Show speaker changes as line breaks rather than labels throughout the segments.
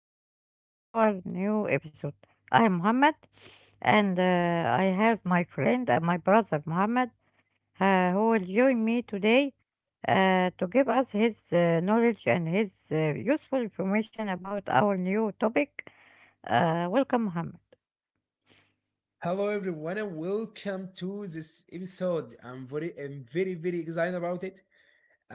welcome to our new episode. I am Muhammad, and I have my friend and my brother Muhammad, who will join me today to give us his knowledge and his useful information about our new topic. Welcome, Muhammad.
Hello everyone and welcome to this episode. I'm very very excited about it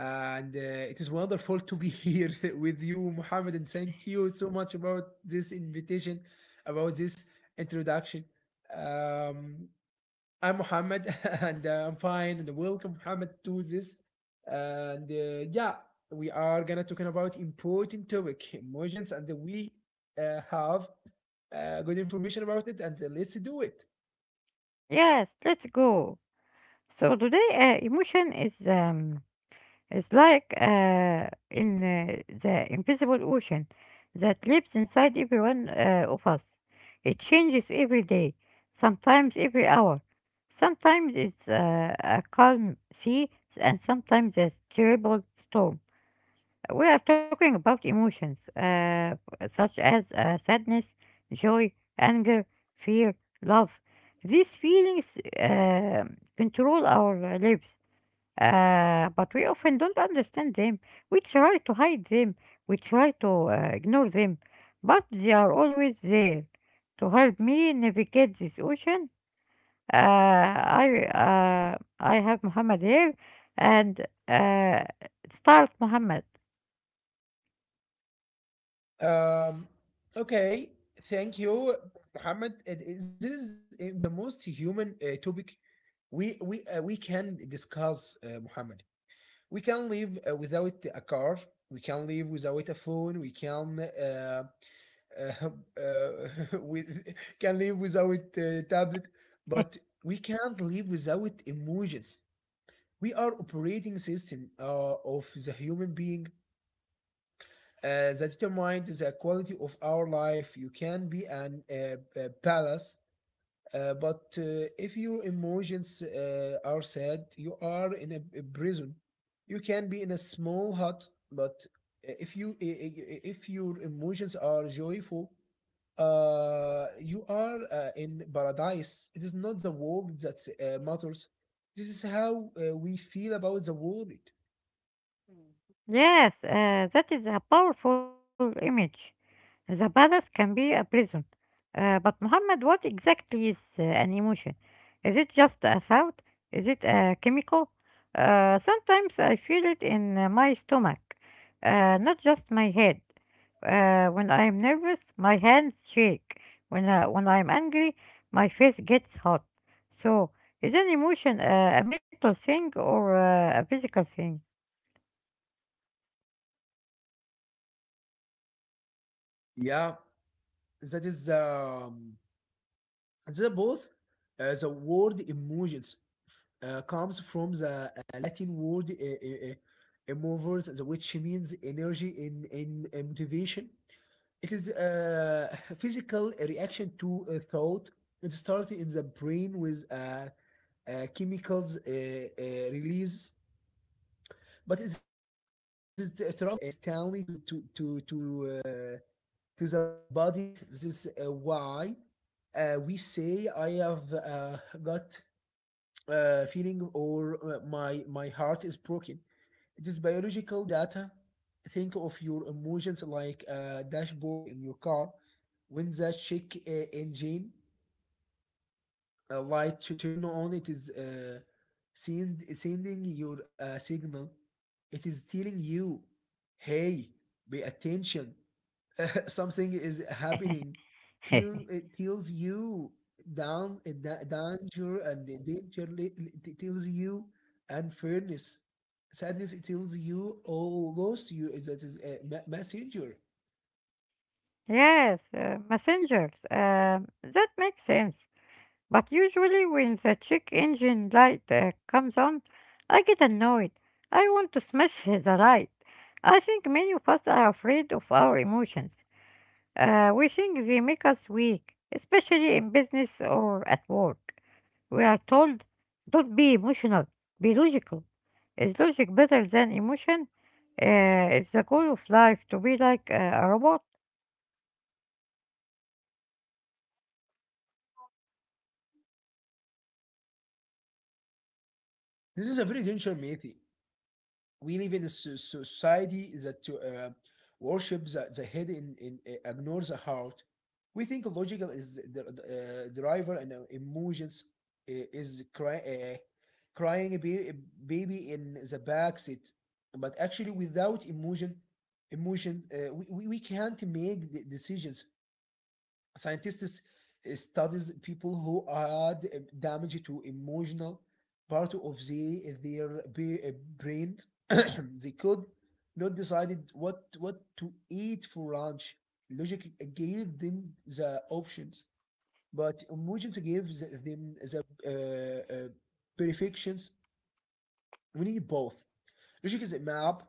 and it is wonderful to be here with you Mohammed, and thank you so much about this invitation about this introduction. Um I'm Mohammed, and I'm fine. And welcome, Mohammed, to this. And yeah, we are gonna talking about important topic, emotions, and we have good information about it. And let's do it.
Yes, let's go. So today, emotion is it's like in the invisible ocean that lives inside every one of us. It changes every day, sometimes every hour. Sometimes it's a calm sea, and sometimes a terrible storm. We are talking about emotions such as sadness, joy, anger, fear, love. These feelings control our lives. But we often don't understand them. We try to hide them, we try to ignore them, but they are always there. To help me navigate this ocean, I have Muhammad here and start Muhammad.
Um, okay, thank you, Mohammed. This is the most human topic we can discuss, Mohammed. We can live without a car, we can live without a phone, we can uh, uh, with, can live without tablet, but we can't live without emotions. We are operating system of the human being that determines the quality of our life. You can be an a palace but if your emotions are sad, you are in a prison. You can be in a small hut, but if you, if your emotions are joyful, you are in paradise. It is not the world that matters. This is how we feel about the world.
Yes, that is a powerful image. The palace can be a prison. But Muhammad, what exactly is an emotion? Is it just a thought? Is it a chemical? Sometimes I feel it in my stomach, not just my head. When I'm nervous, my hands shake. When I'm angry, my face gets hot. So, is an emotion a mental thing or a physical thing?
Yeah, that is the both. The world emotions comes from the Latin word, uh, uh, which means energy in motivation. It is a physical reaction to a thought. It starts in the brain with chemicals release, but it travels in instantly to the body. This is why we say I have got feeling or my my heart is broken. It is biological data. Think of your emotions like a dashboard in your car. When the check engine light to turn on, it is sending your signal. It is telling you, "Hey, pay attention, something is happening, feel it kills you down a danger," and the danger it tells you, and fairness, sadness, it tells you, oh lost you, that is a messenger.
Yes, messengers. That makes sense. But usually, when the check engine light comes on, I get annoyed. I want to smash the light. I think many of us are afraid of our emotions. We think they make us weak, especially in business or at work. We are told, don't be emotional, be logical. Is logic better than emotion? Is the goal of life to be like a robot?
This is a very dangerous method. We live in a society that worships the head and ignores the heart. We think logical is the driver and emotions is crying a baby in the back seat. But actually, without emotion, we can't make the decisions. Scientists studies people who had damage to emotional part of their brains. They could not decided what to eat for lunch. Logic gave them the options, but emotions gave them the perfections. We need both. Logic is a map,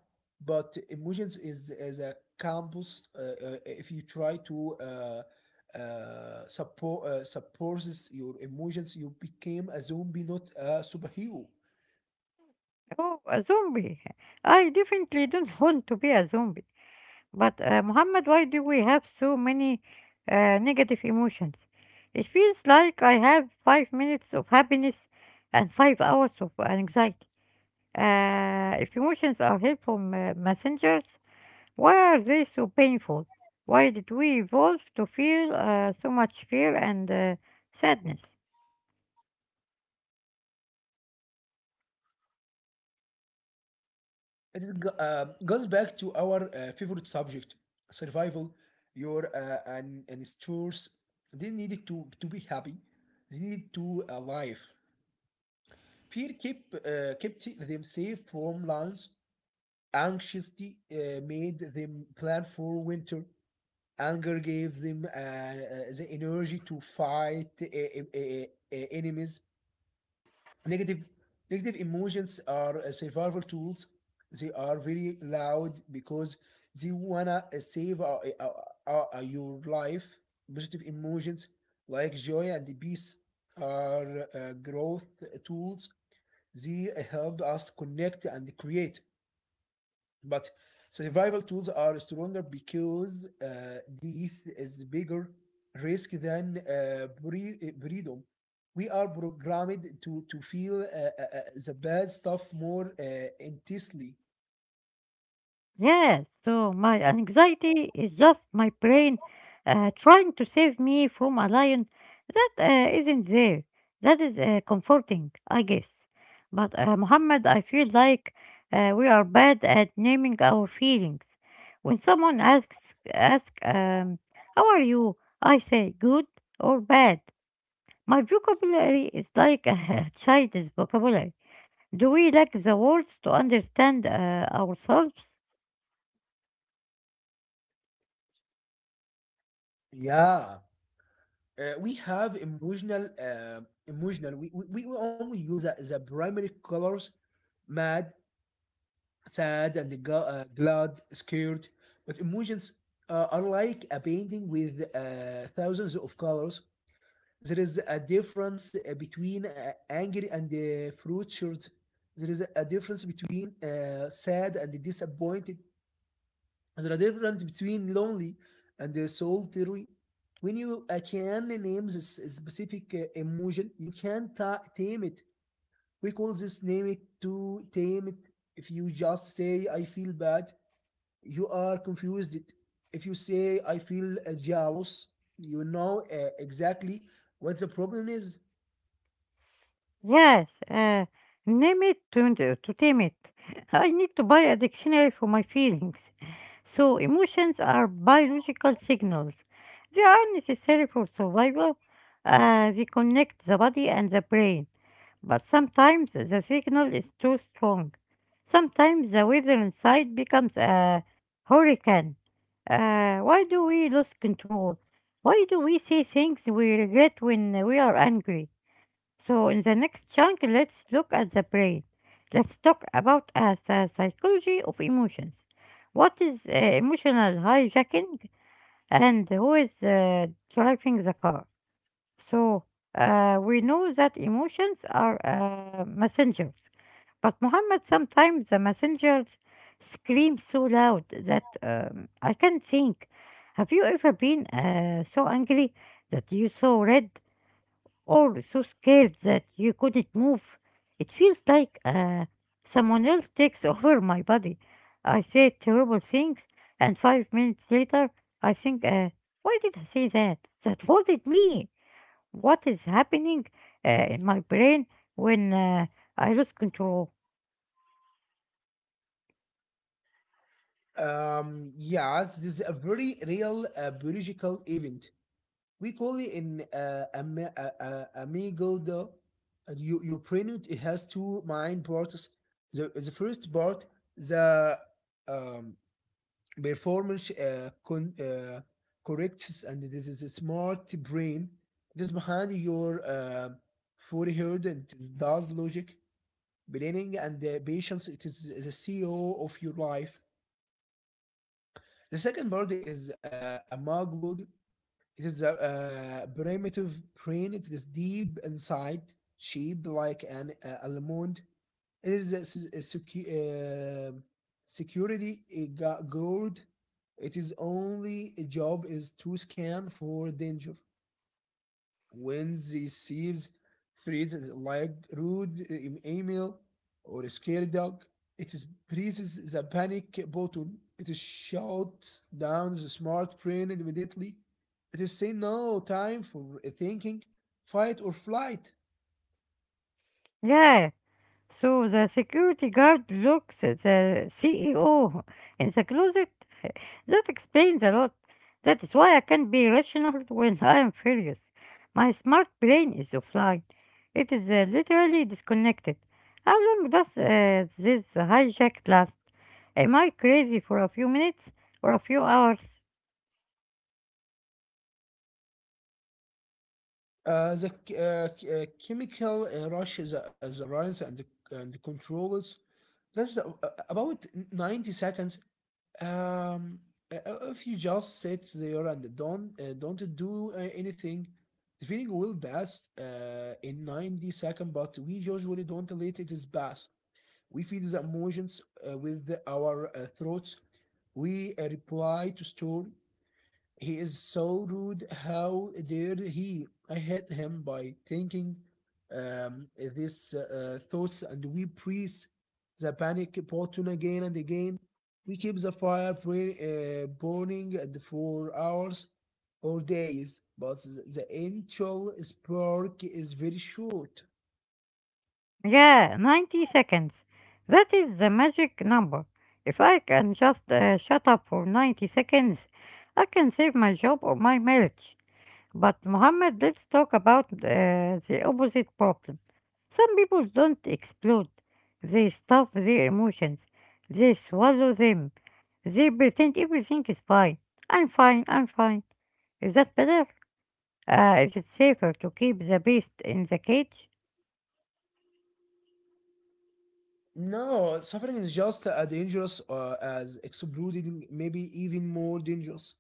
but emotions is a campus. If you try to support suppresses your emotions, you became a zombie, not a superhero.
Or a zombie. I definitely don't want to be a zombie. But Muhammad, why do we have so many negative emotions? It feels like I have 5 minutes of happiness and 5 hours of anxiety. If emotions are helpful messengers, why are they so painful? Why did we evolve to feel so much fear and sadness?
It is, goes back to our favorite subject, survival. Your and stores didn't need to be happy. They needed to alive. Fear kept them safe from lions. Anxiety made them plan for winter. Anger gave them the energy to fight enemies. Negative, negative emotions are survival tools. They are very loud because they wanna save your life. Positive emotions like joy and peace are growth tools. They help us connect and create. But survival tools are stronger because death is bigger risk than boredom. We are programmed to feel the bad stuff more intensely.
Yes, so my anxiety is just my brain trying to save me from a lion that isn't there. That is comforting, I guess. But Muhammad, I feel like we are bad at naming our feelings. When someone asks, how are you? I say good or bad. My vocabulary is like a child's vocabulary. Do we lack the words to understand ourselves?
Yeah. We have emotional. We only use the primary colors: mad, sad, and glad, scared. But emotions are like a painting with thousands of colors. There is a difference between angry and frustrated. There is a difference between sad and disappointed. There is a difference between lonely and solitary. When you can name this specific emotion, you can tame it. We call this name it to tame it. If you just say I feel bad, you are confused. If you say I feel jealous, you know exactly what the problem is.
Yes, name it to tame it. I need to buy a dictionary for my feelings. So, emotions are biological signals. They are necessary for survival. They connect the body and the brain. But sometimes the signal is too strong. Sometimes the weather inside becomes a hurricane. Why do we lose control? Why do we say things we regret when we are angry? So, in the next chunk, let's look at the brain. Let's talk about the psychology of emotions. What is emotional hijacking and who is driving the car? So, we know that emotions are messengers, but Muhammad sometimes the messengers scream so loud that I can't think. Have you ever been so angry that you saw red or so scared that you couldn't move. It feels like someone else takes over my body. I say terrible things, and 5 minutes later, I think, why did I say that? That wasn't me. What is happening in my brain when I lose control?
Yes, this is a very real biological event. We call it an amygdala. And you, your brain it has two main parts. The first part, the um, performance corrects, and this is a smart brain. This behind your forehead and it is does logic, planning, and patience. It is the CEO of your life. The second bird is a maglud. It is a primitive brain. It is deep inside, sheep like an almond. It is a, a uh, security guard. It is only a job is to scan for danger when they sees threats like rude email or a scary dog, it is presses the panic button. It is shouts down the smart brain immediately. It is saying no time for thinking, fight or flight.
Yeah, so the security guard looks at the CEO in the closet. That explains a lot. That is why I can not be rational when I am furious. My smart brain is offline. It is literally disconnected. How long does this hijack last? Am I crazy for a few minutes or a few hours?
The chemical rush, the arousal and controls. That's about 90 seconds. Um, if you just sit there and don't do anything, the feeling will pass in 90 seconds, but we usually don't let it pass. We feel the emotions with our throats. We reply to store. He is so rude. How dare he? I hate him, by thinking these thoughts, and we press the panic button again and again. We keep the fire burning, and for hours or days, but the initial spark is very short.
Yeah, 90 seconds. That is the magic number. If I can just shut up for 90 seconds, I can save my job or my marriage. But Muhammad, let's talk about the opposite problem. Some people don't explode. They stuff their emotions. They swallow them. They pretend everything is fine. I'm fine, I'm fine. Is that better? Is it safer to keep the beast in the cage?
No, suffering is just as dangerous as exploding, maybe even more dangerous.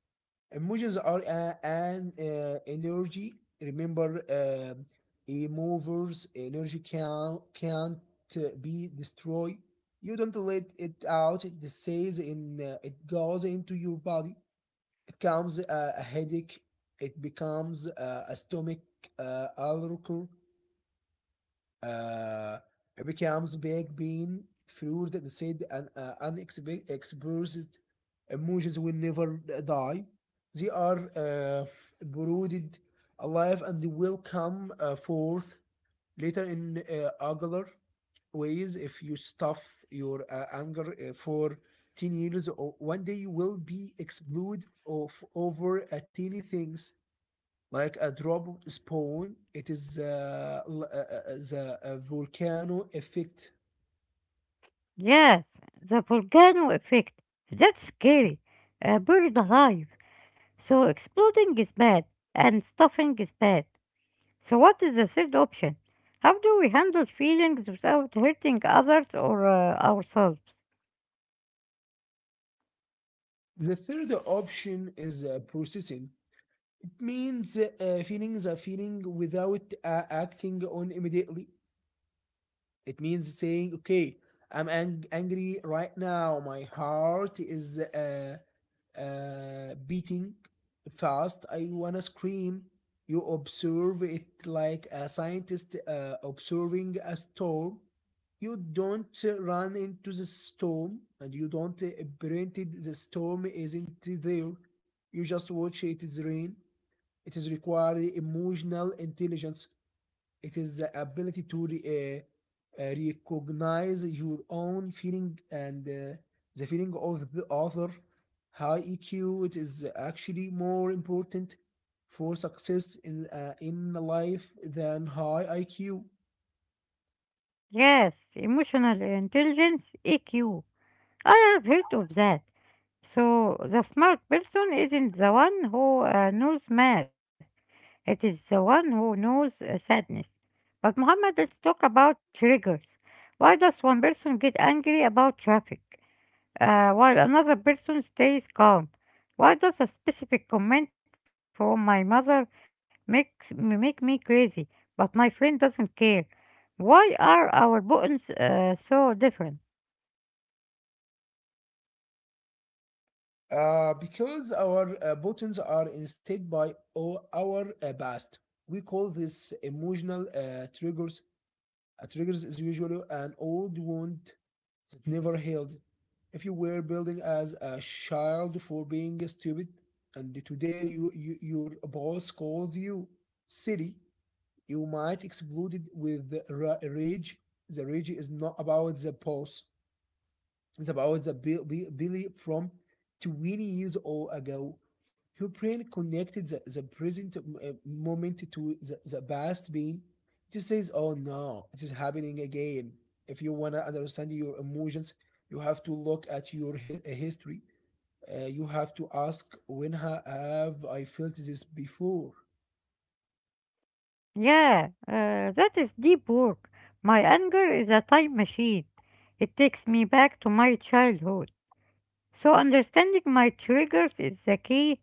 Emotions are an energy. Remember, a movers energy can't be destroyed. You don't let it out. It stays in. It goes into your body. It comes a headache. It becomes a stomach ulcer, uh, it becomes big being fluid and said and unexpressed emotions will never die. They are brooded alive and will come forth later in angular ways. If you stuff your anger for 10 years, or one day you will be explode of over a teeny things, like a drop spawn. It is the volcano effect.
Yes, the volcano effect. That's scary. A bird alive. So exploding is bad, and stuffing is bad. So, what is the third option? How do we handle feelings without hurting others or ourselves?
The third option is processing. It means feeling the feeling without acting on immediately. It means saying, "Okay, I'm angry right now. My heart is beating fast. I wanna scream." You observe it like a scientist observing a storm. You don't run into the storm, and you don't it. The storm isn't there. You just watch it is rain. It is required emotional intelligence. It is the ability to recognize your own feeling and the feeling of the other. High EQ, it is actually more important for success in life than high IQ.
Yes, emotional intelligence, EQ. I have heard of that. So, the smart person isn't the one who knows math, it is the one who knows sadness. But, Muhammad, let's talk about triggers. Why does one person get angry about traffic? While another person stays calm. Why does a specific comment from my mother make me crazy, but my friend doesn't care? Why are our buttons so different?
Because our buttons are instead by our past. We call this emotional triggers. A trigger is usually an old wound that never healed. If you were building as a child for being stupid, and today you your boss calls you silly, you might explode it with rage. The rage is not about the boss. It's about the Billy from 20 years old ago, who brain connected the present moment to the past being. It just says, oh no, it is happening again. If you want to understand your emotions, you have to look at your history. You have to ask, when have I felt this before?
Yeah, that is deep work. My anger is a time machine. It takes me back to my childhood. So understanding my triggers is the key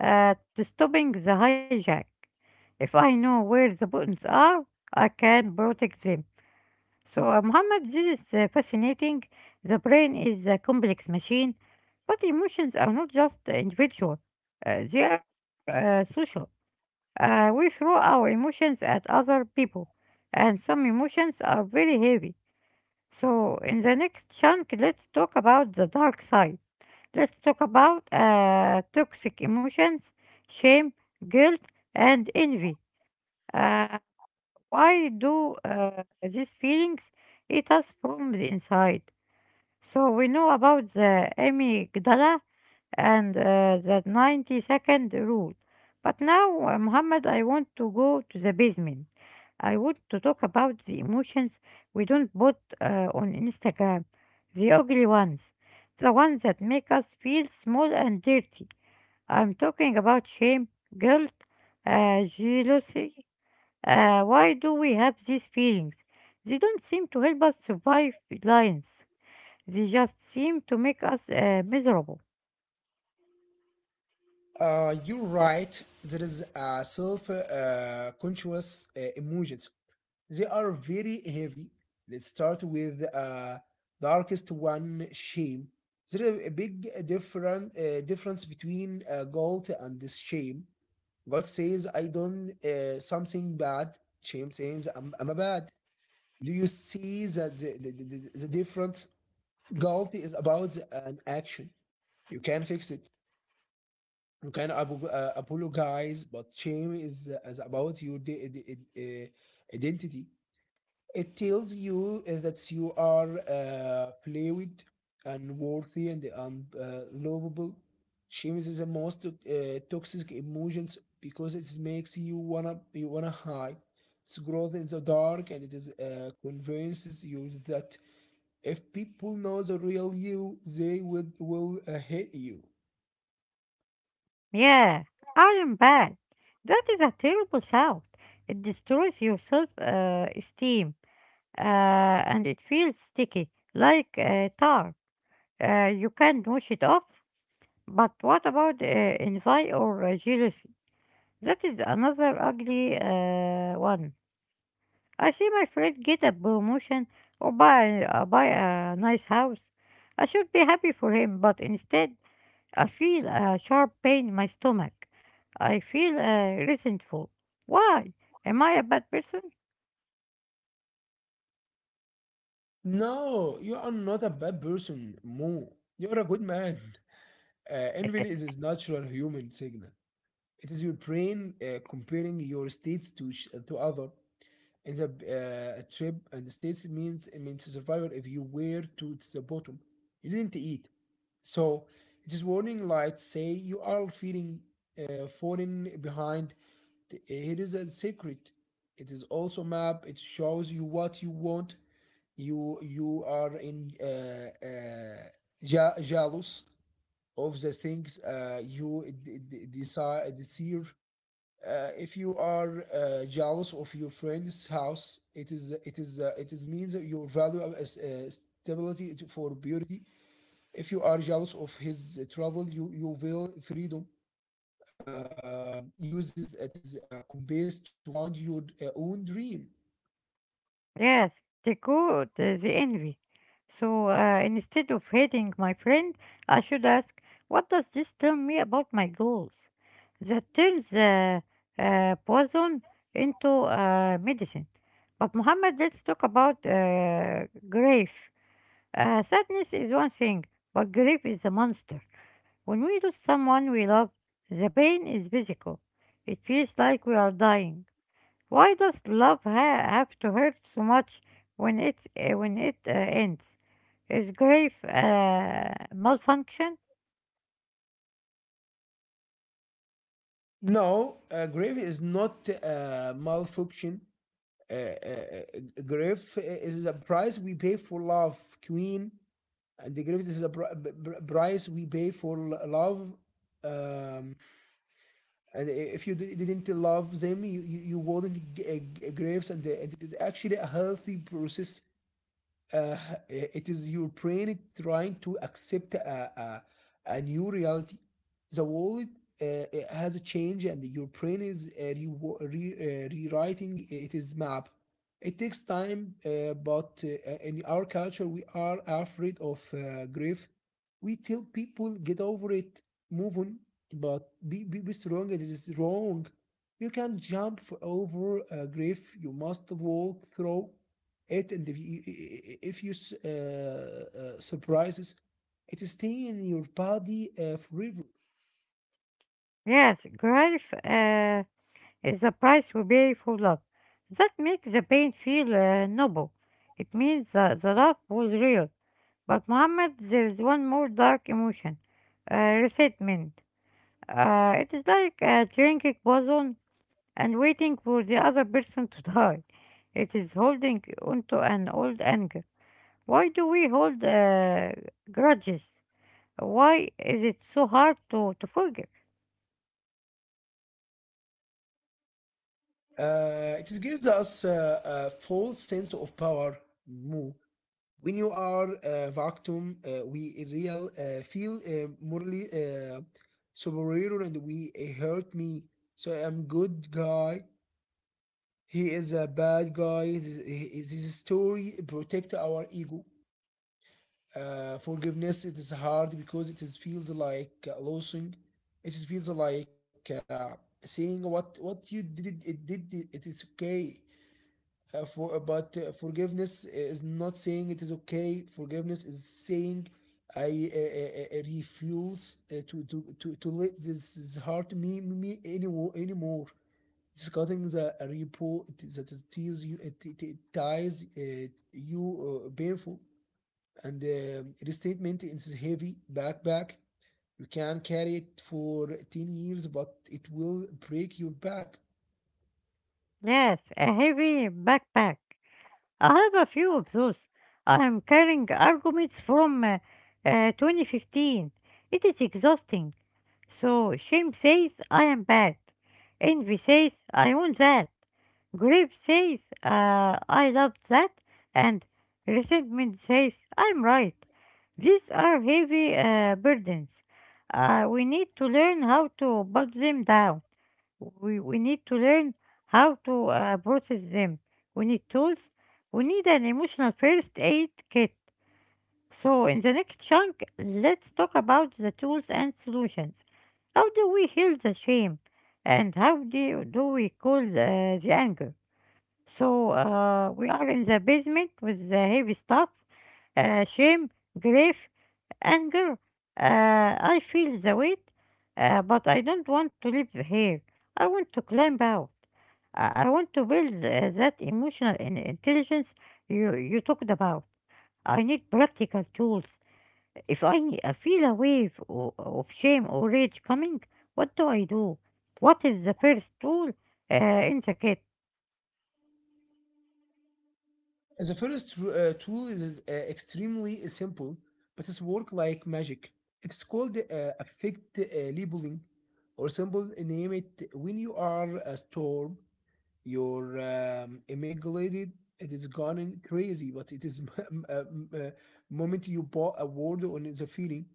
to stopping the hijack. If I know where the buttons are, I can protect them. So Muhammad this is fascinating. The brain is a complex machine, but emotions are not just individual. They are social. We throw our emotions at other people, and some emotions are very heavy. So in the next chunk, let's talk about the dark side. Let's talk about toxic emotions, shame, guilt, and envy. Uh, why do these feelings eat us from the inside? So we know about the amygdala and the 90-second rule. But now, Muhammad, I want to go to the basement. I want to talk about the emotions we don't put on Instagram, the ugly ones, the ones that make us feel small and dirty. I'm talking about shame, guilt, jealousy, why do we have these feelings? They don't seem to help us survive lions. They just seem to make us miserable.
You're right. There is a self conscious emotions. They are very heavy. Let's start with darkest one, shame. There is a big difference between guilt and this shame. Guilt says, I done something bad. Shame says, I'm a bad. Do you see that difference? Guilt is about an action. You can fix it. You can apologize, but shame is about your identity. It tells you that you are fluid and worthy and lovable. Shame is the most toxic emotions because it makes you wanna hide. It's growth in the dark and it is convinces you that if people know the real you, they would will hate you.
Yeah, I am bad. That is a terrible thought. It destroys your self esteem and it feels sticky, like tar. You can wash it off. But what about envy or jealousy? That is another ugly one. I see my friend get a promotion or buy a nice house. I should be happy for him, but instead I feel a sharp pain in my stomach. I feel resentful. Why? Am I a bad person?
No, you are not a bad person, Mo. You are a good man. Envy is a natural human signal. It is your brain comparing your states to other. In the trip and the states means it means survival if you were to the bottom. You didn't eat, so it is warning lights say you are feeling falling behind. It is a secret. It is also map. It shows you what you want. You are in jealous of the things you desire. If you are jealous of your friend's house, it is it is it is means that your value stability for beauty. If you are jealous of his travel, you will freedom. Uses it is a compass to find your own dream.
Yes, they got the envy. So instead of hating my friend, I should ask, what does this tell me about my goals? That turns poison into medicine. But Muhammad, let's talk about grief. Sadness is one thing, but grief is a monster. When we lose someone we love, the pain is physical. It feels like we are dying. Why does love have to hurt so much when it ends? Is grief malfunction?
No, a grave is not a malfunction. A, a, a grave is a price we pay for love, Queen. And the gravity is a price we pay for love, um and if you didn't love them, you wouldn't graves, and it is actually a healthy process. uh, it is your brain trying to accept a new reality. The world uh, eh, has changed, and your brain is rewriting its map. It takes time, but in our culture, we are afraid of grief. We tell people get over it, move on, but be strong. It is wrong. You can not jump over grief. You must walk through it, and if you if you surprises, it stay in your body forever.
Yes, grief is the price we pay for love. That makes the pain feel noble. It means that the love was real. But Muhammad, there is one more dark emotion, resentment. It is like drinking poison and waiting for the other person to die. It is holding onto an old anger. Why do we hold grudges? Why is it so hard to forgive?
It gives us a false sense of power, Mo. When you are a vacuum, we real feel morally superior, and we hurt me, so I'm good guy, he is a bad guy. This story protect our ego. Forgiveness it is hard because it is feels like losing. It is feels like saying what you did it is okay. Forgiveness is not saying it is okay. Forgiveness is saying I refuse to let this hurt me anymore. It's cutting the repo that is tease you. It ties you painful, and restatement is heavy backpack. You can carry it for 10 years, but it will break your back.
Yes, a heavy backpack. I have a few of those. I am carrying arguments from 2015. It is exhausting. So shame says I am bad. Envy says I want that. Grief says I loved that. And resentment says I'm right. These are heavy burdens. We need to learn how to put them down. We need to learn how to process them. We need tools. We need an emotional first aid kit. So, in the next chunk, let's talk about the tools and solutions. How do we heal the shame? And how do we cool the anger? So, we are in the basement with the heavy stuff shame, grief, anger. I feel the weight, but I don't want to live here. I want to climb out. I want to build that emotional intelligence you talked about. I need practical tools, if I feel a wave of shame or rage coming, what do I do? What is the first rule in the kit?
The first tool is extremely simple, but it's work like magic. It's called affect labeling, or simple name it when you are a store. Your immaculate, it is gone in crazy, but it is m- uh, m- uh, moment you bought a word on the feeling.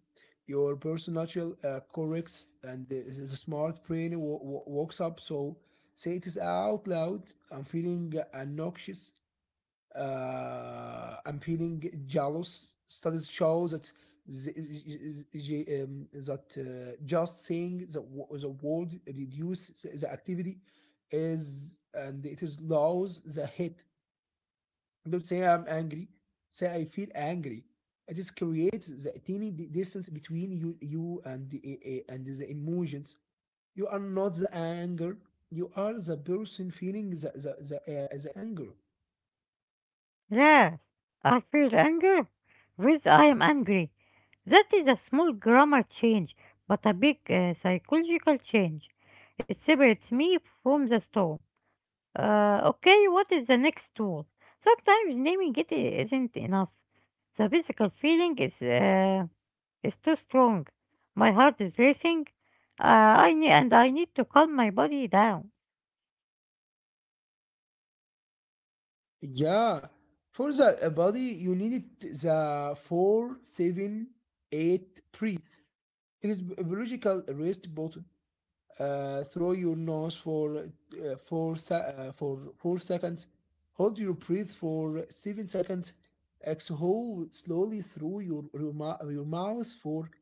Your personal corrects and the smart brain walks up. So say it is out loud. I'm feeling noxious, appealing jealous. Studies show that that just saying the word reduce the activity is, and it is lows the hit. Don't say I'm angry. Say I feel angry. It just creates the tiny distance between you and and the emotions. You are not the anger. You are the person feeling the anger.
Yes, I feel anger with I am angry. That is a small grammar change, but a big psychological change. It separates me from the storm. Okay, what is the next tool? Sometimes naming it isn't enough. The physical feeling is too strong. My heart is racing. I need to calm my body down.
Yeah, for the body, you needed the four, seven, eight breath. It is biological rest button through your nose for for 4 seconds. Hold your breath for 7 seconds. Exhale slowly through your mouth for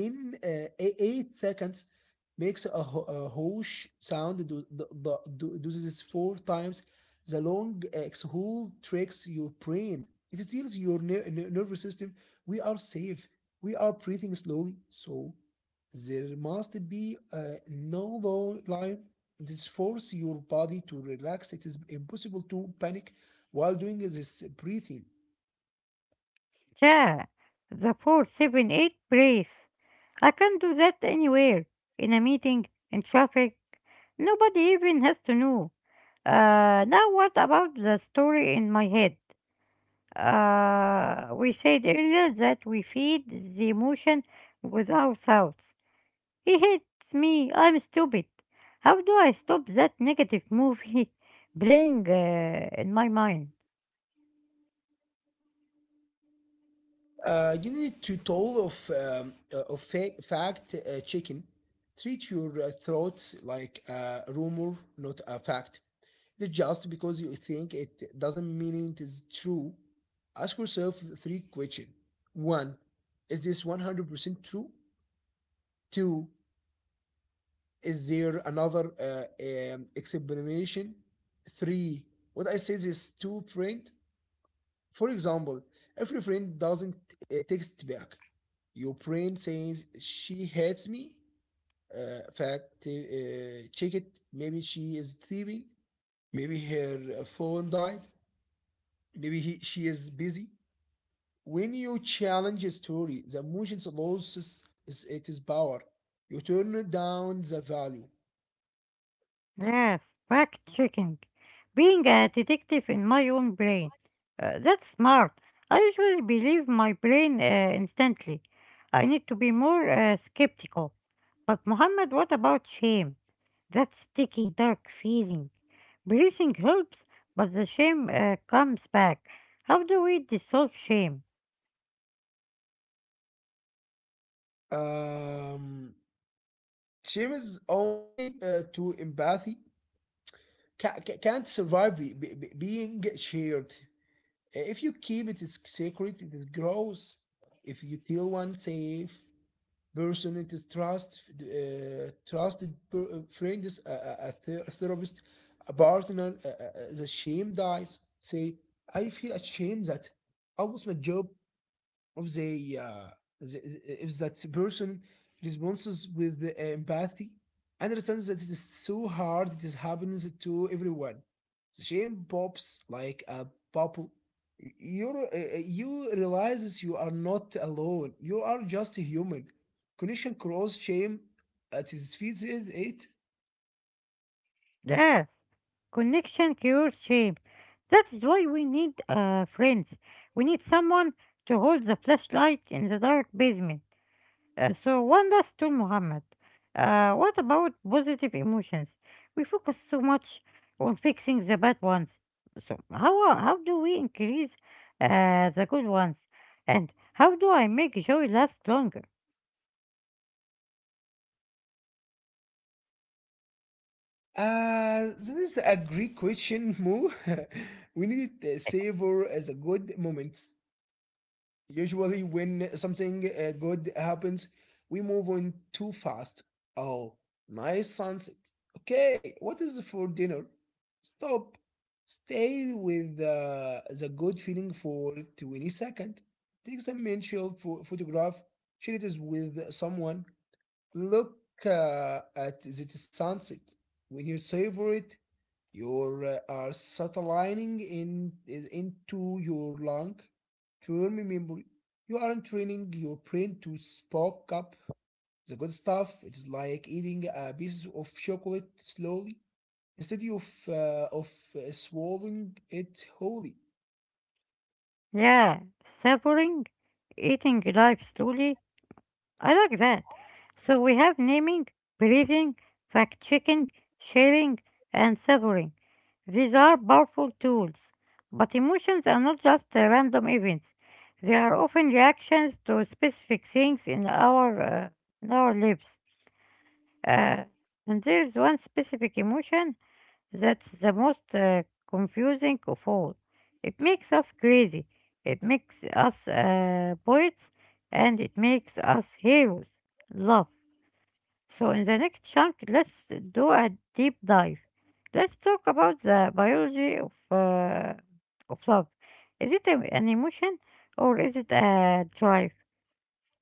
10, uh, e- 8 seconds. Makes a whoosh sound. Do this four times. The long exhale tricks your brain. It tells your nervous system, we are safe. We are breathing slowly, so there must be no low line. This force your body to relax. It is impossible to panic while doing this breathing.
Yeah, the 4-7-8 brace. I can do that anywhere. In a meeting, in traffic. Nobody even has to know. Now what about the story in my head? We said earlier that we feed the emotion with our thoughts. He hates me. I'm stupid. How do I stop that negative movie playing in my mind?
You need to toll of fact chicken. Treat your thoughts like a rumor, not a fact. That just because you think it doesn't mean it is true. Ask yourself three questions. One, is this 100% true? Two, is there another explanation? Three. What I say is to friend. For example, if your friend doesn't text back, your friend says she hates me. Fact check it. Maybe she is thieving. Maybe her phone died. Maybe she is busy. When you challenge a story, the emotions loses it is power. You turn down the value.
Yes, fact checking. Being a detective in my own brain. That's smart. I usually believe my brain instantly. I need to be more skeptical. But, Mohammed, what about shame? That sticky, dark feeling. Breathing helps, but the shame comes back. How do we dissolve shame?
Um, Shame is only to empathy. Can't survive being shared. If you keep it secret, it grows. If you tell one safe person, it is trust. Trusted friend is a therapist, a partner. The shame dies. Say, I feel ashamed that I lost my job. Of the If that person responds with the empathy, understands that it is so hard, it is happens to everyone. The shame pops like a bubble. You you realizes you are not alone. You are just a human. Connection cross shame at his feet is it.
Yes, connection cures shame. That is why we need friends. We need someone to hold the flashlight in the dark basement. So wonders to Muhammad. What about positive emotions? We focus so much on fixing the bad ones. So how do we increase the good ones? And how do I make joy last longer?
This is a great question, Mo. We need to savor as a good moments. Usually, when something good happens, we move on too fast. Oh, nice sunset. Okay, what is for dinner? Stop. Stay with the good feeling for 20 seconds. Take some mental photograph. Share it is with someone. Look at the sunset. When you savor it, you are satelliting in, is into your lung. To remember, you aren't training your brain to spark up the good stuff. It is like eating a piece of chocolate slowly instead of, swallowing it wholly.
Yeah, suffering, eating life slowly, I like that. So we have naming, believing, fact checking, sharing, and savoring. These are powerful tools. But emotions are not just random events, they are often reactions to specific things in in our lives. Uh, and there is one specific emotion that's the most confusing of all. It makes us crazy, it makes us poets, and it makes us heroes. Love. So, in the next chunk, let's do a deep dive. Let's talk about the biology of love. Is it an emotion or is it a drive?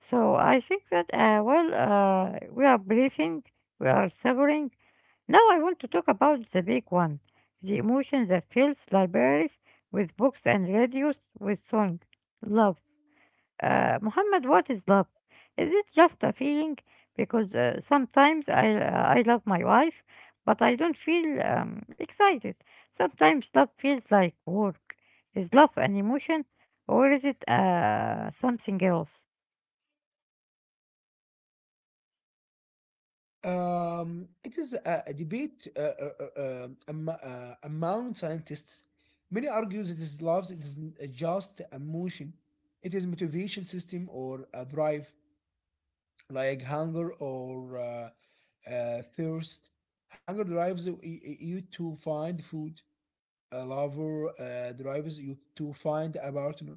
So, I think that, we are breathing, we are suffering, now I want to talk about the big one, the emotion that fills libraries with books and radios with song, love. Muhammad, what is love? Is it just a feeling? Because sometimes I love my wife, but I don't feel excited. Sometimes love feels like work. Is love an emotion, or is it something else?
It is a debate among scientists. Many argue that this love is just emotion. It is motivation system or a drive, like hunger or thirst. Hunger drives you to find food. A lover drives you to find a partner.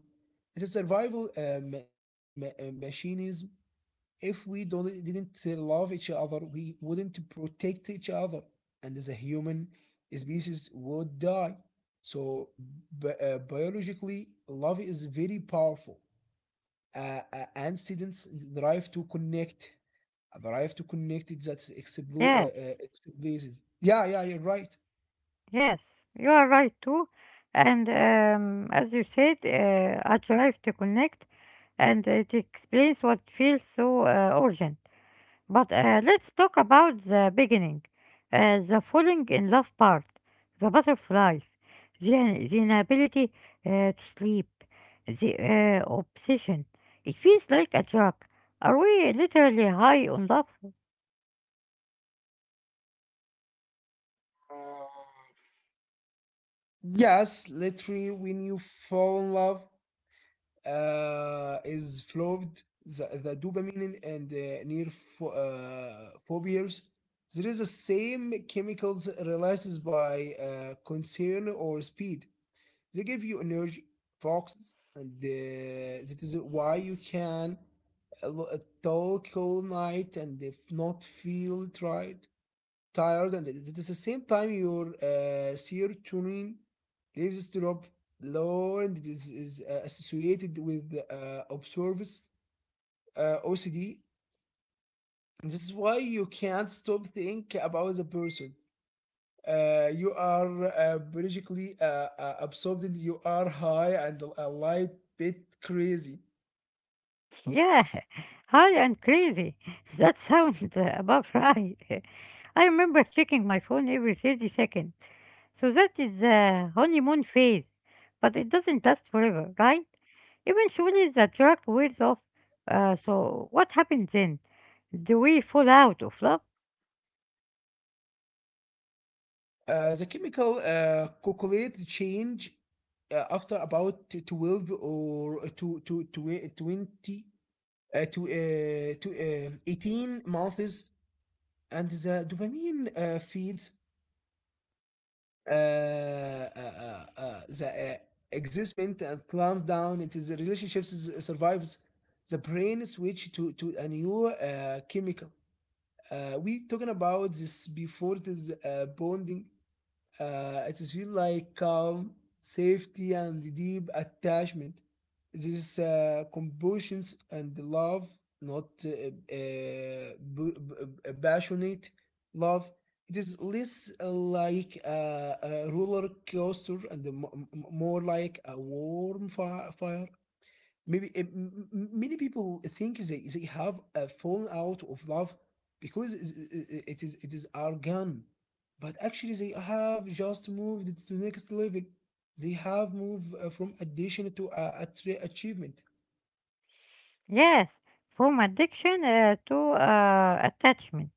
It is survival mechanism. If we don't, didn't love each other, we wouldn't protect each other, and the human species would die. So, biologically, love is very powerful. And drive to connect, drive to connect it that's
Yes.
explicit. Yeah, yeah, you're right.
Yes, you are right too. And as you said, I tried to connect and it explains what feels so urgent. But let's talk about the beginning, the falling in love part, the butterflies, the inability to sleep, the obsession. It feels like a drug. Are we literally high on love?
Yes, literally, when you fall in love, is flowed the dopamine and phobias. There is the same chemicals releases by concern or speed. They give you energy, foxes, and that is why you can uh, talk all night and if not feel tired, and at the same time your serotonin levels drop lower, and is associated with observes OCD. This is why you can't stop think about the person. You are basically absorbed, and you are high and a light bit crazy.
Yeah, high and crazy. That sounds about right. I remember checking my phone every 30 seconds. So that is the honeymoon phase. But it doesn't last forever, right? Eventually the drug wears off. So what happens then? Do we fall out of love?
The chemical calculate change after about 12 to 20 to 18 months, and the dopamine feeds the excitement and calms down. It is the relationships survives. The brain switch to a new chemical. We talking about this before. It is bonding. It is feel like calm, safety, and deep attachment. This compassion and love, not passionate love. It is less like a roller coaster, and more like a warm fire. Maybe many people think they have fallen out of love because it is arrogant, but actually they have just moved to the next level. They have moved from addition to achievement.
Yes, from addiction to attachment.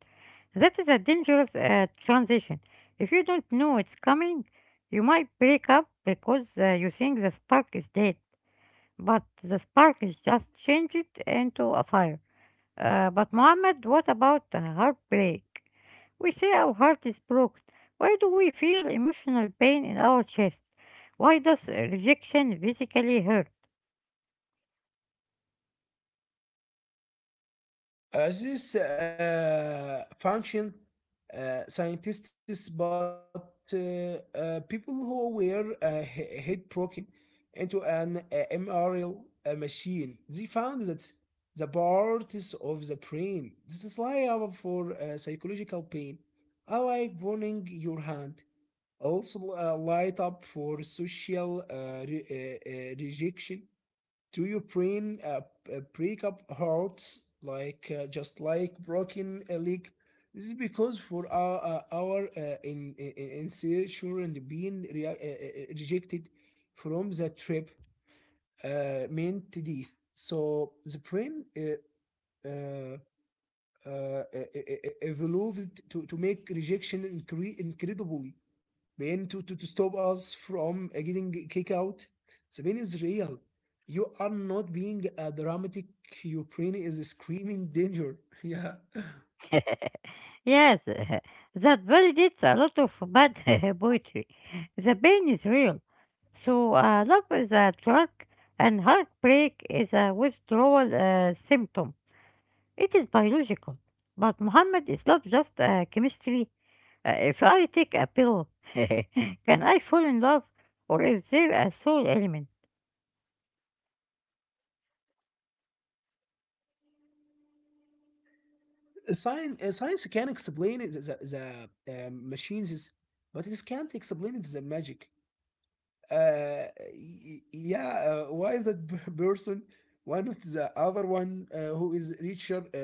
That is a dangerous transition. If you don't know it's coming, you might break up because you think the spark is dead, but the spark is just changed into a fire. But Mohammed, what about heartbreak? We say our heart is broken. Why do we feel emotional pain in our chest? Why does rejection physically hurt?
This function scientists but people who were headbroken into an MRL machine. They found that the parts of the brain this is liable for psychological pain, I like burning your hand, also light up for social rejection. Do you brain break up hearts like just like broken a leg? This is because for our insurance, and being rejected from the trip meant death. So the brain uh, evolved to make rejection incredibly pain to stop us from getting kicked out. The pain is real. You are not being a dramatic. Your brain is screaming danger. Yeah.
Yes, that validates a lot of bad poetry. The pain is real. So, love is a drug, and heartbreak is a withdrawal symptom. It is biological. But Muhammad, is love just chemistry? If I take a pill, can I fall in love, or is there a soul element?
Science, science can explain it, the machines, but it can't explain it, the magic. Uh, yeah, why that person? Why not the other one who is richer , is better?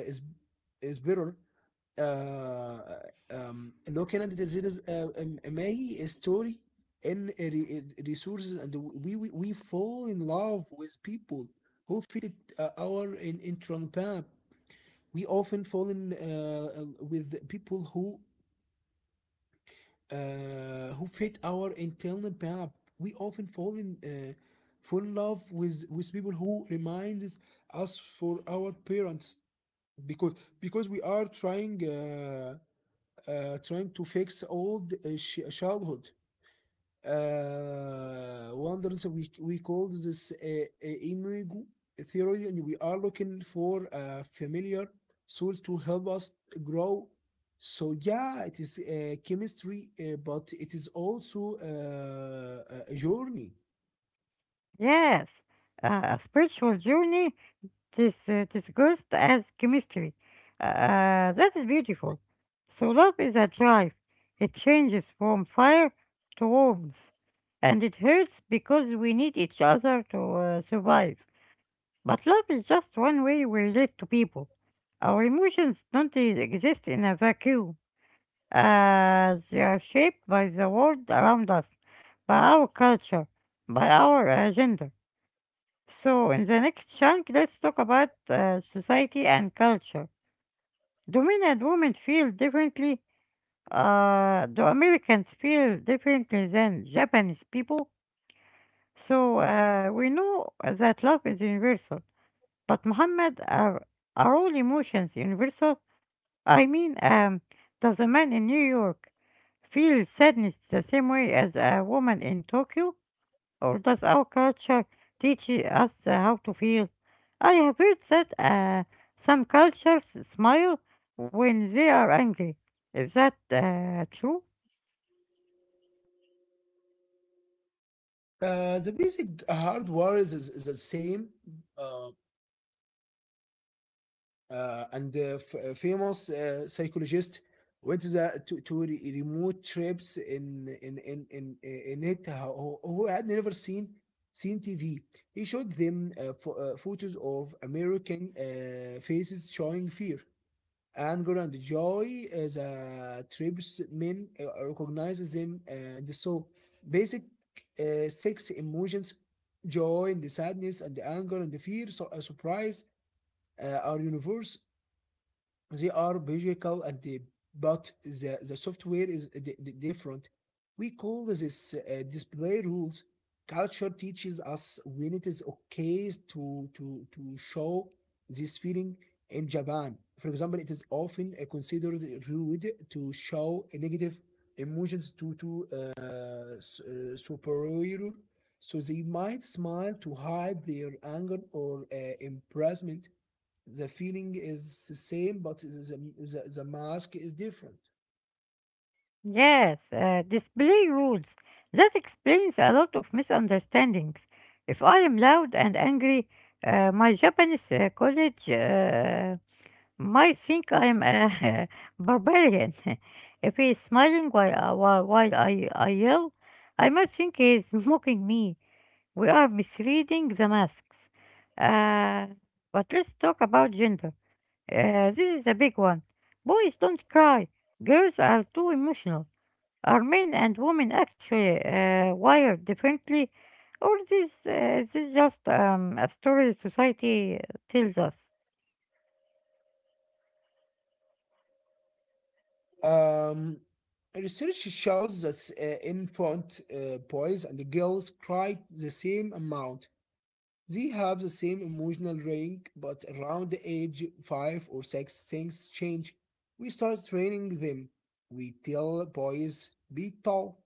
آه آم، اللي هو كندا ديزيرز ماي ستوري ان resources and we fall in love with people who fit our in Trump. We often fall in with people who fit our internal path. We often fall in fall in love with people who remind us for our parents because we are trying. Trying to fix old childhood wonders. We call this imago theory, and we are looking for a familiar soul to help us grow. So yeah, it is chemistry, but it is also a journey.
Yes, a spiritual journey. This disguised as chemistry. That is beautiful. So love is a drive. It changes from fire to warmth, and it hurts because we need each other to survive. But love is just one way we relate to people. Our emotions don't exist in a vacuum. They are shaped by the world around us, by our culture, by our gender. So, in the next chunk, let's talk about society and culture. Do men and women feel differently? Do Americans feel differently than Japanese people? So, we know that love is universal, but Muhammad, are all emotions universal? I mean, does a man in New York feel sadness the same way as a woman in Tokyo? Or does our culture teach us how to feel? I have heard that some cultures smile when they are angry. Is that true?
The basic hardware is the same, uh, and famous psychologist went to remote trips in it who, had never seen TV. He showed them photos of American faces showing fear, anger, and joy. As a trips men recognized them and so basic six emotions: joy, and the sadness, and the anger, and the fear, so, surprise are universe. They are biological and the, but the software is different. We call this display rules. Culture teaches us when it is okay to show this feeling in Japan. For example, it is often considered rude to show negative emotions to superior, so they might smile to hide their anger or embarrassment. The feeling is the same, but the, the mask is different.
Yes, display rules. That explains a lot of misunderstandings. If I am loud and angry, my Japanese college might think I am a barbarian. If he is smiling while I yell, I might think he is mocking me. We are misreading the masks. Uh, but let's talk about gender. This is a big one. Boys don't cry. Girls are too emotional. Are men and women actually wired differently? Or this, uh, is this just a story society tells us?
Um, Research shows that infant boys and girls cry the same amount. They have the same emotional range, but around the age five or six, things change. We start training them. We tell boys, be tough.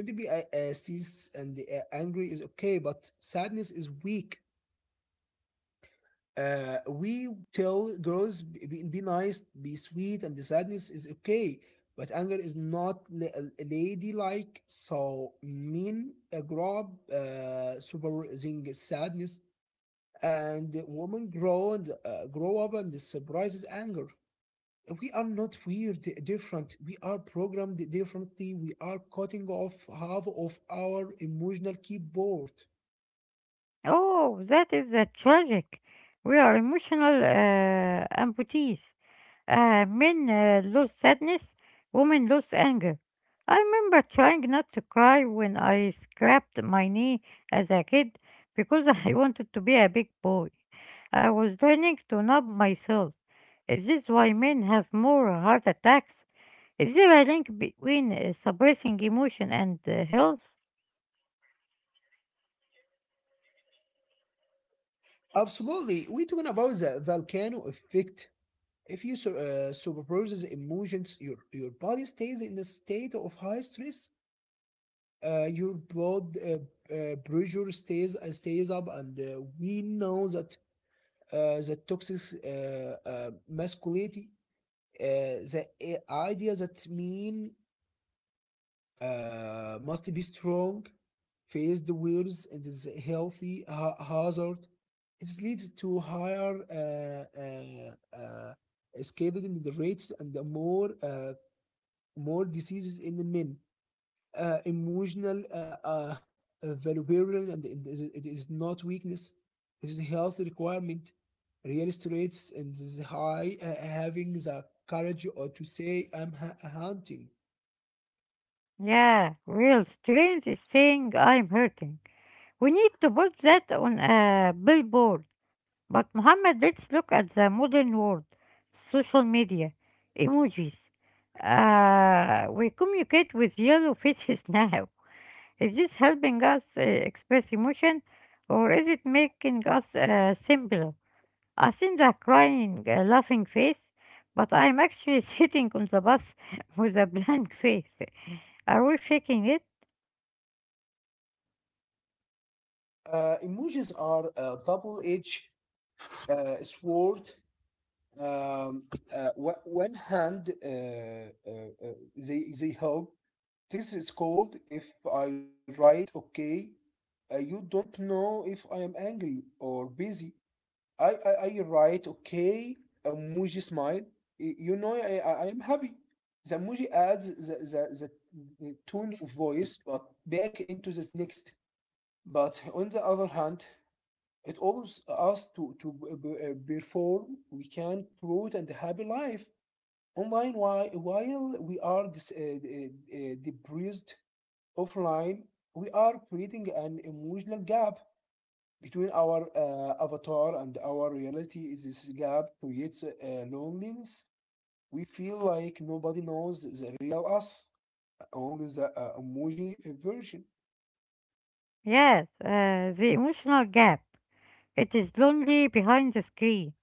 Don't be sis and angry is okay, but sadness is weak. We tell girls be nice, be sweet, and the sadness is okay, but anger is not ladylike. So men grow up supervising sadness, and women grow and grow up and surprises anger. We are not weird, different. We are programmed differently. We are cutting off half of our emotional keyboard.
Oh, that is tragic. We are emotional amputees. Men lose sadness, women lose anger. I remember trying not to cry when I scraped my knee as a kid because I wanted to be a big boy. I was learning to numb myself. Is this why men have more heart attacks? Is there a link between suppressing emotion and health?
Absolutely, we're talking about the volcano effect. If you superpose emotions, your body stays in a state of high stress. Your blood pressure stays stays up, and we know that the toxic masculinity, the idea that men must be strong, face the world, and is a healthy hazard. It leads to higher escalated in the rates and the more more diseases in the men. Emotional uh, vulnerability, and it is not weakness. This is a health requirement. Real traits, and this is high having the courage or to say I'm hunting.
Yeah, real strength is saying I'm hurting. We need to put that on a billboard. But Muhammad, let's look at the modern world. Social media, emojis. We communicate with yellow faces now. Is this helping us express emotion or is it making us simpler? I seen the crying, laughing face, but I'm actually sitting on the bus with a blank face. Are we faking it?
Emotions are a double-edged sword. Um, One hand they help. This is called, if I write okay, you don't know if I am angry or busy. I write okay, emoji smile. You know I am happy. The emoji adds the, the tone of voice, but back into the next. But on the other hand, it allows us to perform. We can promote and happy life online while, we are uh, depressed offline. We are creating an emotional gap between our avatar and our reality. This gap creates loneliness. We feel like nobody knows the real us, only the emoji version.
Yes, the emotional gap. It is lonely behind the screen.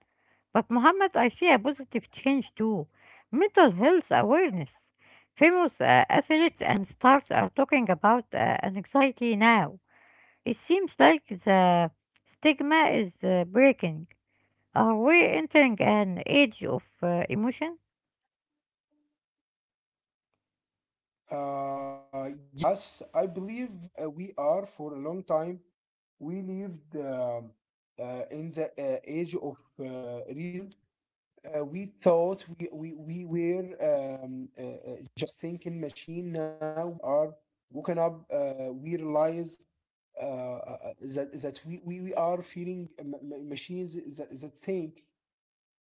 But Muhammad, I see a positive change too. Mental health awareness. Famous athletes and stars are talking about anxiety now. It seems like the stigma is breaking. Are we entering an age of emotion?
Yes, I believe we are. For a long time, we lived in the age of reason. We thought we were just thinking machine. Now we are woken up. We realize that we, we are feeling machines that, think.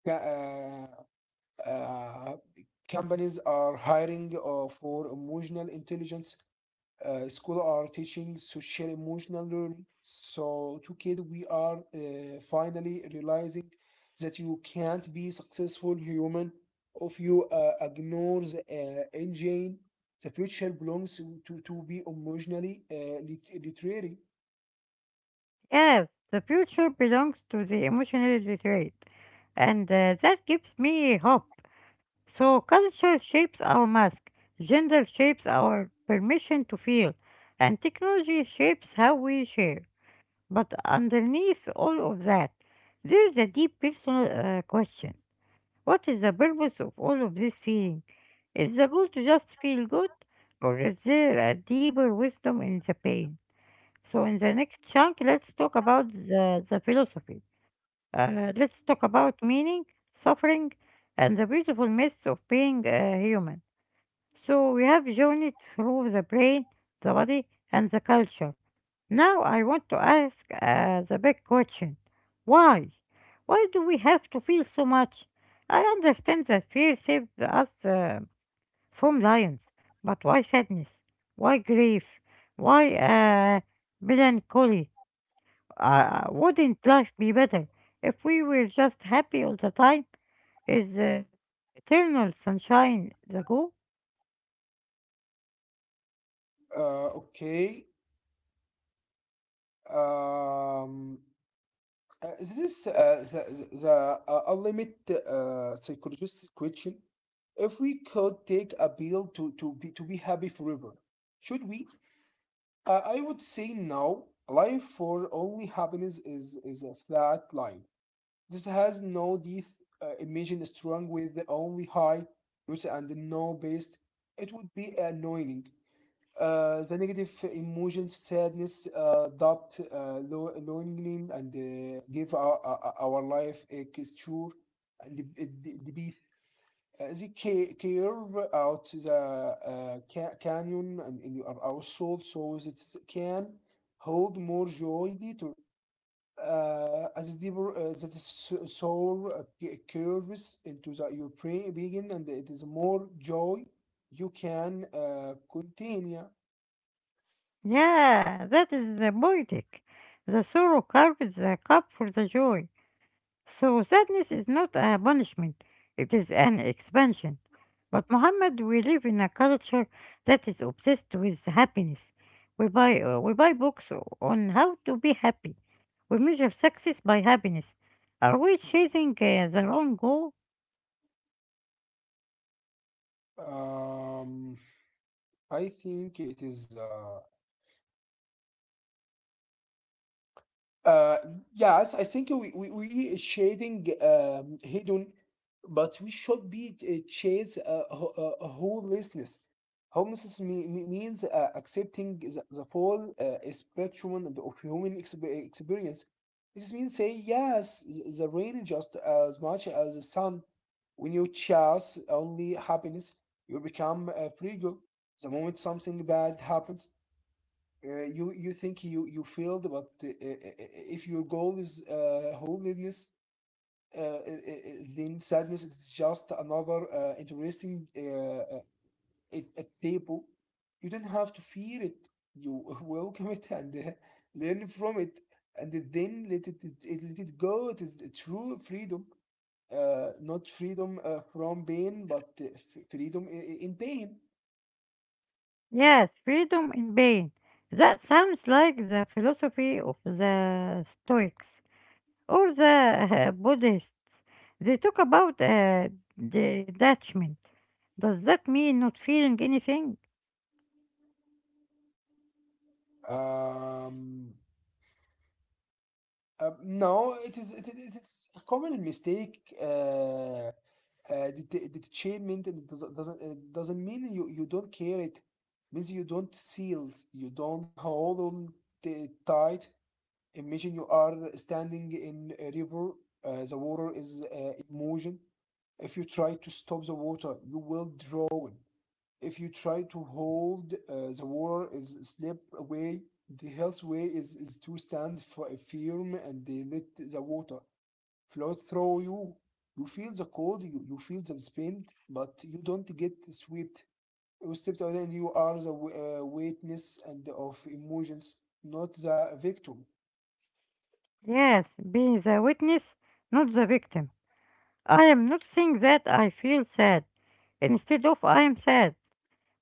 Ca- Uh, uh, Companies are hiring for emotional intelligence. School are teaching social emotional learning so to kids. We are finally realizing that you can't be successful human if you ignore the engine. The future belongs to be emotionally literary.
Yes, the future belongs to the emotionally literate, and that gives me hope. So, culture shapes our mask, gender shapes our permission to feel, and technology shapes how we share. But underneath all of that, there is a deep personal question. What is the purpose of all of this feeling? Is the goal to just feel good, or is there a deeper wisdom in the pain? So, in the next chunk, let's talk about the philosophy. Let's talk about meaning, suffering, and the beautiful myths of being human. So we have journeyed through the brain, the body, and the culture. Now I want to ask the big question, why? Why do we have to feel so much? I understand that fear saved us from lions, but why sadness? Why grief? Why melancholy? Wouldn't life be better if we were just happy all the time? Is eternal sunshine the goal?
Okay. um, this is the ultimate psychologist's question. If we could take a pill to be happy forever, should we? I would say no. Life for only happiness is a flat line. This has no teeth. Imagine strong with the only high, roots and no base. It would be annoying. The negative emotions, sadness, doubt, loneliness, and give our life a texture and the, the beat. They curve out the canyon and in our soul so that it can hold more joy later. As deeper that is soul curves into the, your brain begin, and it is more joy you can contain. Yeah.
Yeah, that is the poetic. The sorrow carves the cup for the joy. So sadness is not a punishment, it is an expansion. But Muhammad, we live in a culture that is obsessed with happiness. We buy books on how to be happy. We measure success by happiness. Are we chasing the wrong goal?
Um, I think it is. Uh, yes, I think we shading hidden, but we should be chase homelessness. Homelessness means accepting the full spectrum and of human experience. This means say yes, the rain just as much as the sun. When you chase only happiness, you become fragile. The moment something bad happens, you think you failed, but if your goal is holiness, uh, uh, uh, then sadness is just another interesting at table. You don't have to fear it. You welcome it and learn from it, and then let let it go. It is a true freedom, not freedom from pain, but freedom in pain.
Yes, freedom in pain. That sounds like the philosophy of the Stoics, or the Buddhists. They talk about detachment. Does that mean not feeling anything?
Um, no, it, it is a common mistake. The, the achievement, it doesn't it doesn't mean you don't care. It means you don't seal. You don't hold on tight. Imagine you are standing in a river, the water is in motion. If you try to stop the water, you will drown. If you try to hold, the water is slip away. The health way is to stand firm and they let the water flow through you. You feel the cold, you feel the pain, but you don't get swept. You stepped out and you are the witness and of emotions, not the victim.
Yes, being the witness, not the victim. I am not saying that I feel sad. Instead of I am sad,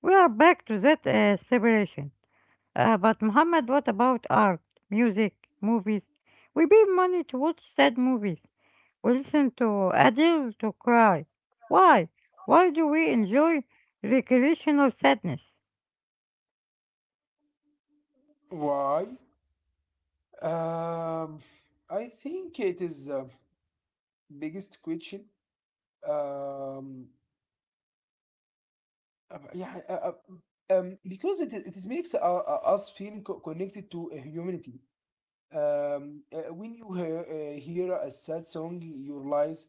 we are back to that separation. But Muhammad, what about art, music, movies? We pay money to watch sad movies, listen to Adele to cry. Why? Why do we enjoy recreational sadness?
Why? Um, I think it is biggest question. Um, yeah, because it is makes us feeling connected to humanity. When you hear, hear a sad song, you realize,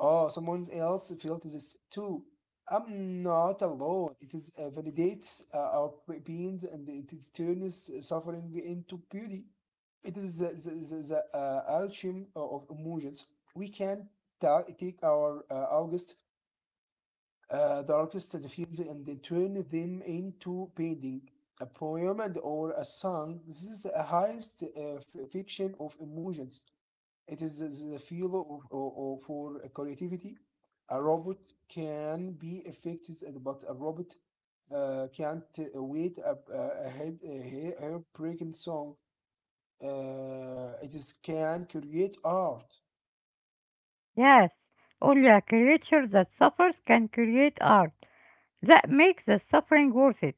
oh, someone else felt this too. I'm not alone. It is validates our pains, and it is turns suffering into beauty. It is the alchemy of emotions. We can take our August the artist defines, and they turn them into painting, a poem and or a song. This is a highest fiction of emotions. It is the feel for creativity. A robot can be effective, and but a robot can't wait head, a hair-breaking song. It is can create art.
Yes, only a creature that suffers can create art that makes the suffering worth it.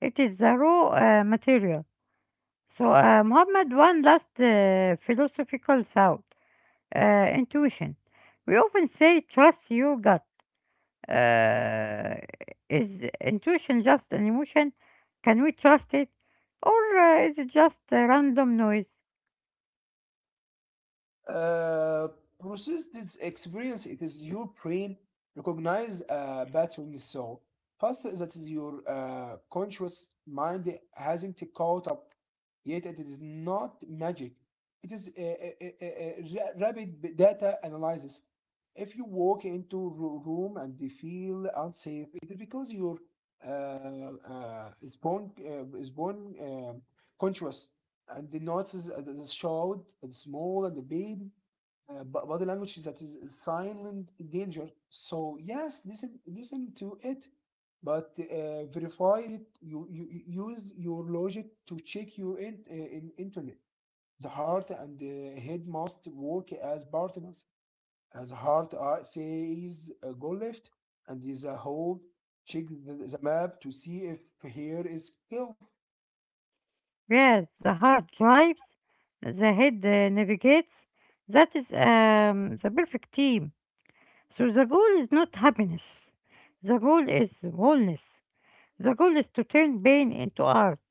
It is the raw material. So, Muhammad, one last philosophical thought, intuition. We often say, trust your gut. Uh, is intuition just an emotion? Can we trust it? Or is it just a random noise?
Uh, Process this experience. It is your brain recognize a pattern, so first, that is your conscious mind hasn't caught up yet. It is not magic. It is a rapid data analysis. If you walk into room and you feel unsafe, it is because your uh, is born conscious, and the notes is the short and small and the big body language is that is silent danger. So yes, listen, to it, but verify it. You use your logic to check your in internet. The heart and the head must work as partners as heart says go left and is hold, check the map to see if here is health.
Yes, the heart drives, the head navigates. That is the perfect team. So the goal is not happiness. The goal is wholeness. The goal is to turn pain into art,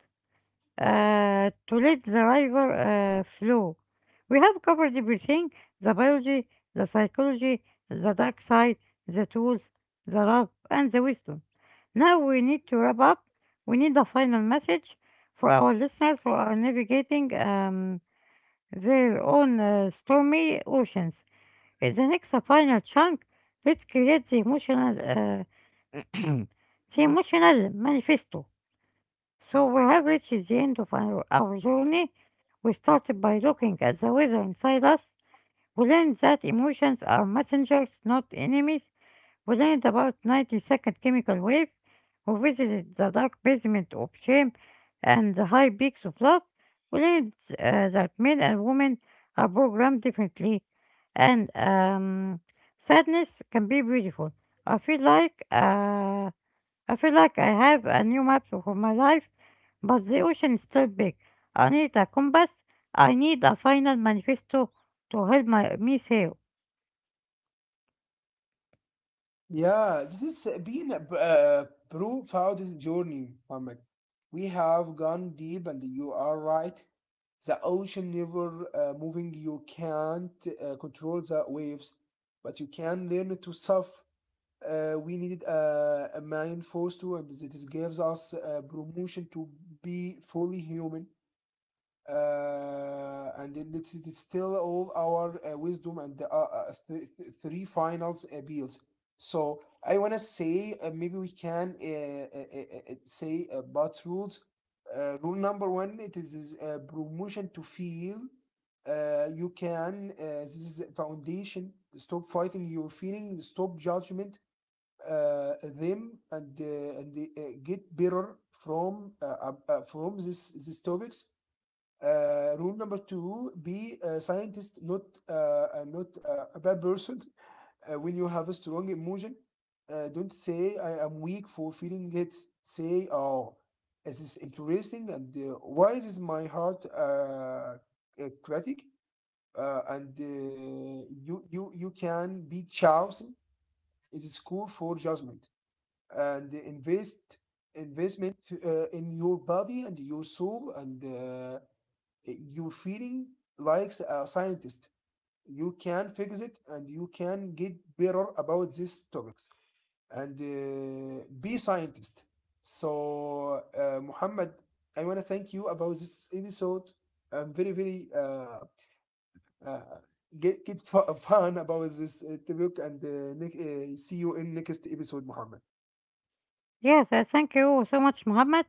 to let the river flow. We have covered everything: the biology, the psychology, the dark side, the tools, the love, and the wisdom. Now we need to wrap up. We need a final message for our listeners who are navigating their own stormy oceans. In the next final chunk, let's create the the emotional manifesto. So we have reached the end of our journey. We started by looking at the weather inside us. We learned that emotions are messengers, not enemies. We learned about 90-second chemical wave. We visited the dark basement of shame and the high peaks of love. We learned that men and women are programmed differently. And sadness can be beautiful. I feel like. Uh, I feel like I have a new map for my life, but the ocean is still big. I need a compass. I need a final manifesto to help me sail.
Yeah, this has been a a profound journey, Mohammed. We have gone deep, and you are right. The ocean never moving. You can't control the waves, but you can learn to surf. We needed a man force to, and this gives us a promotion to be fully human and it- let it's still all our wisdom and the three finals appeals. So I wanna say maybe we can say about rules. Rule number one, it is promotion to feel. You can. This is a foundation. Stop fighting your feeling. Stop judgment. Them and get better from this this topics. Rule number two: be a scientist, not uh, not a bad person. When you have a strong emotion, don't say "I am weak for feeling it." Say, "Oh, this is interesting," and why is my heart a critic? And you you can be chosen. It is cool for judgment and invest investment in your body and your soul, and your feeling like a scientist. You can fix it, and you can get better about these topics and be scientist. So Muhammad, I want to thank you about this episode. I'm very very uh, get fu- fun about this topic, and see you in next episode, Muhammad.
Yes, I thank you so much, Muhammad,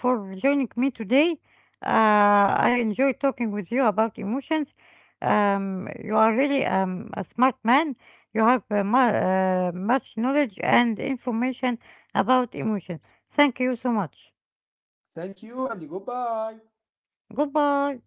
for joining me today. I enjoy talking with you about emotions. You are really a smart man. You have much knowledge and information about emotion. Thank you so much.
Thank you and goodbye.
Goodbye.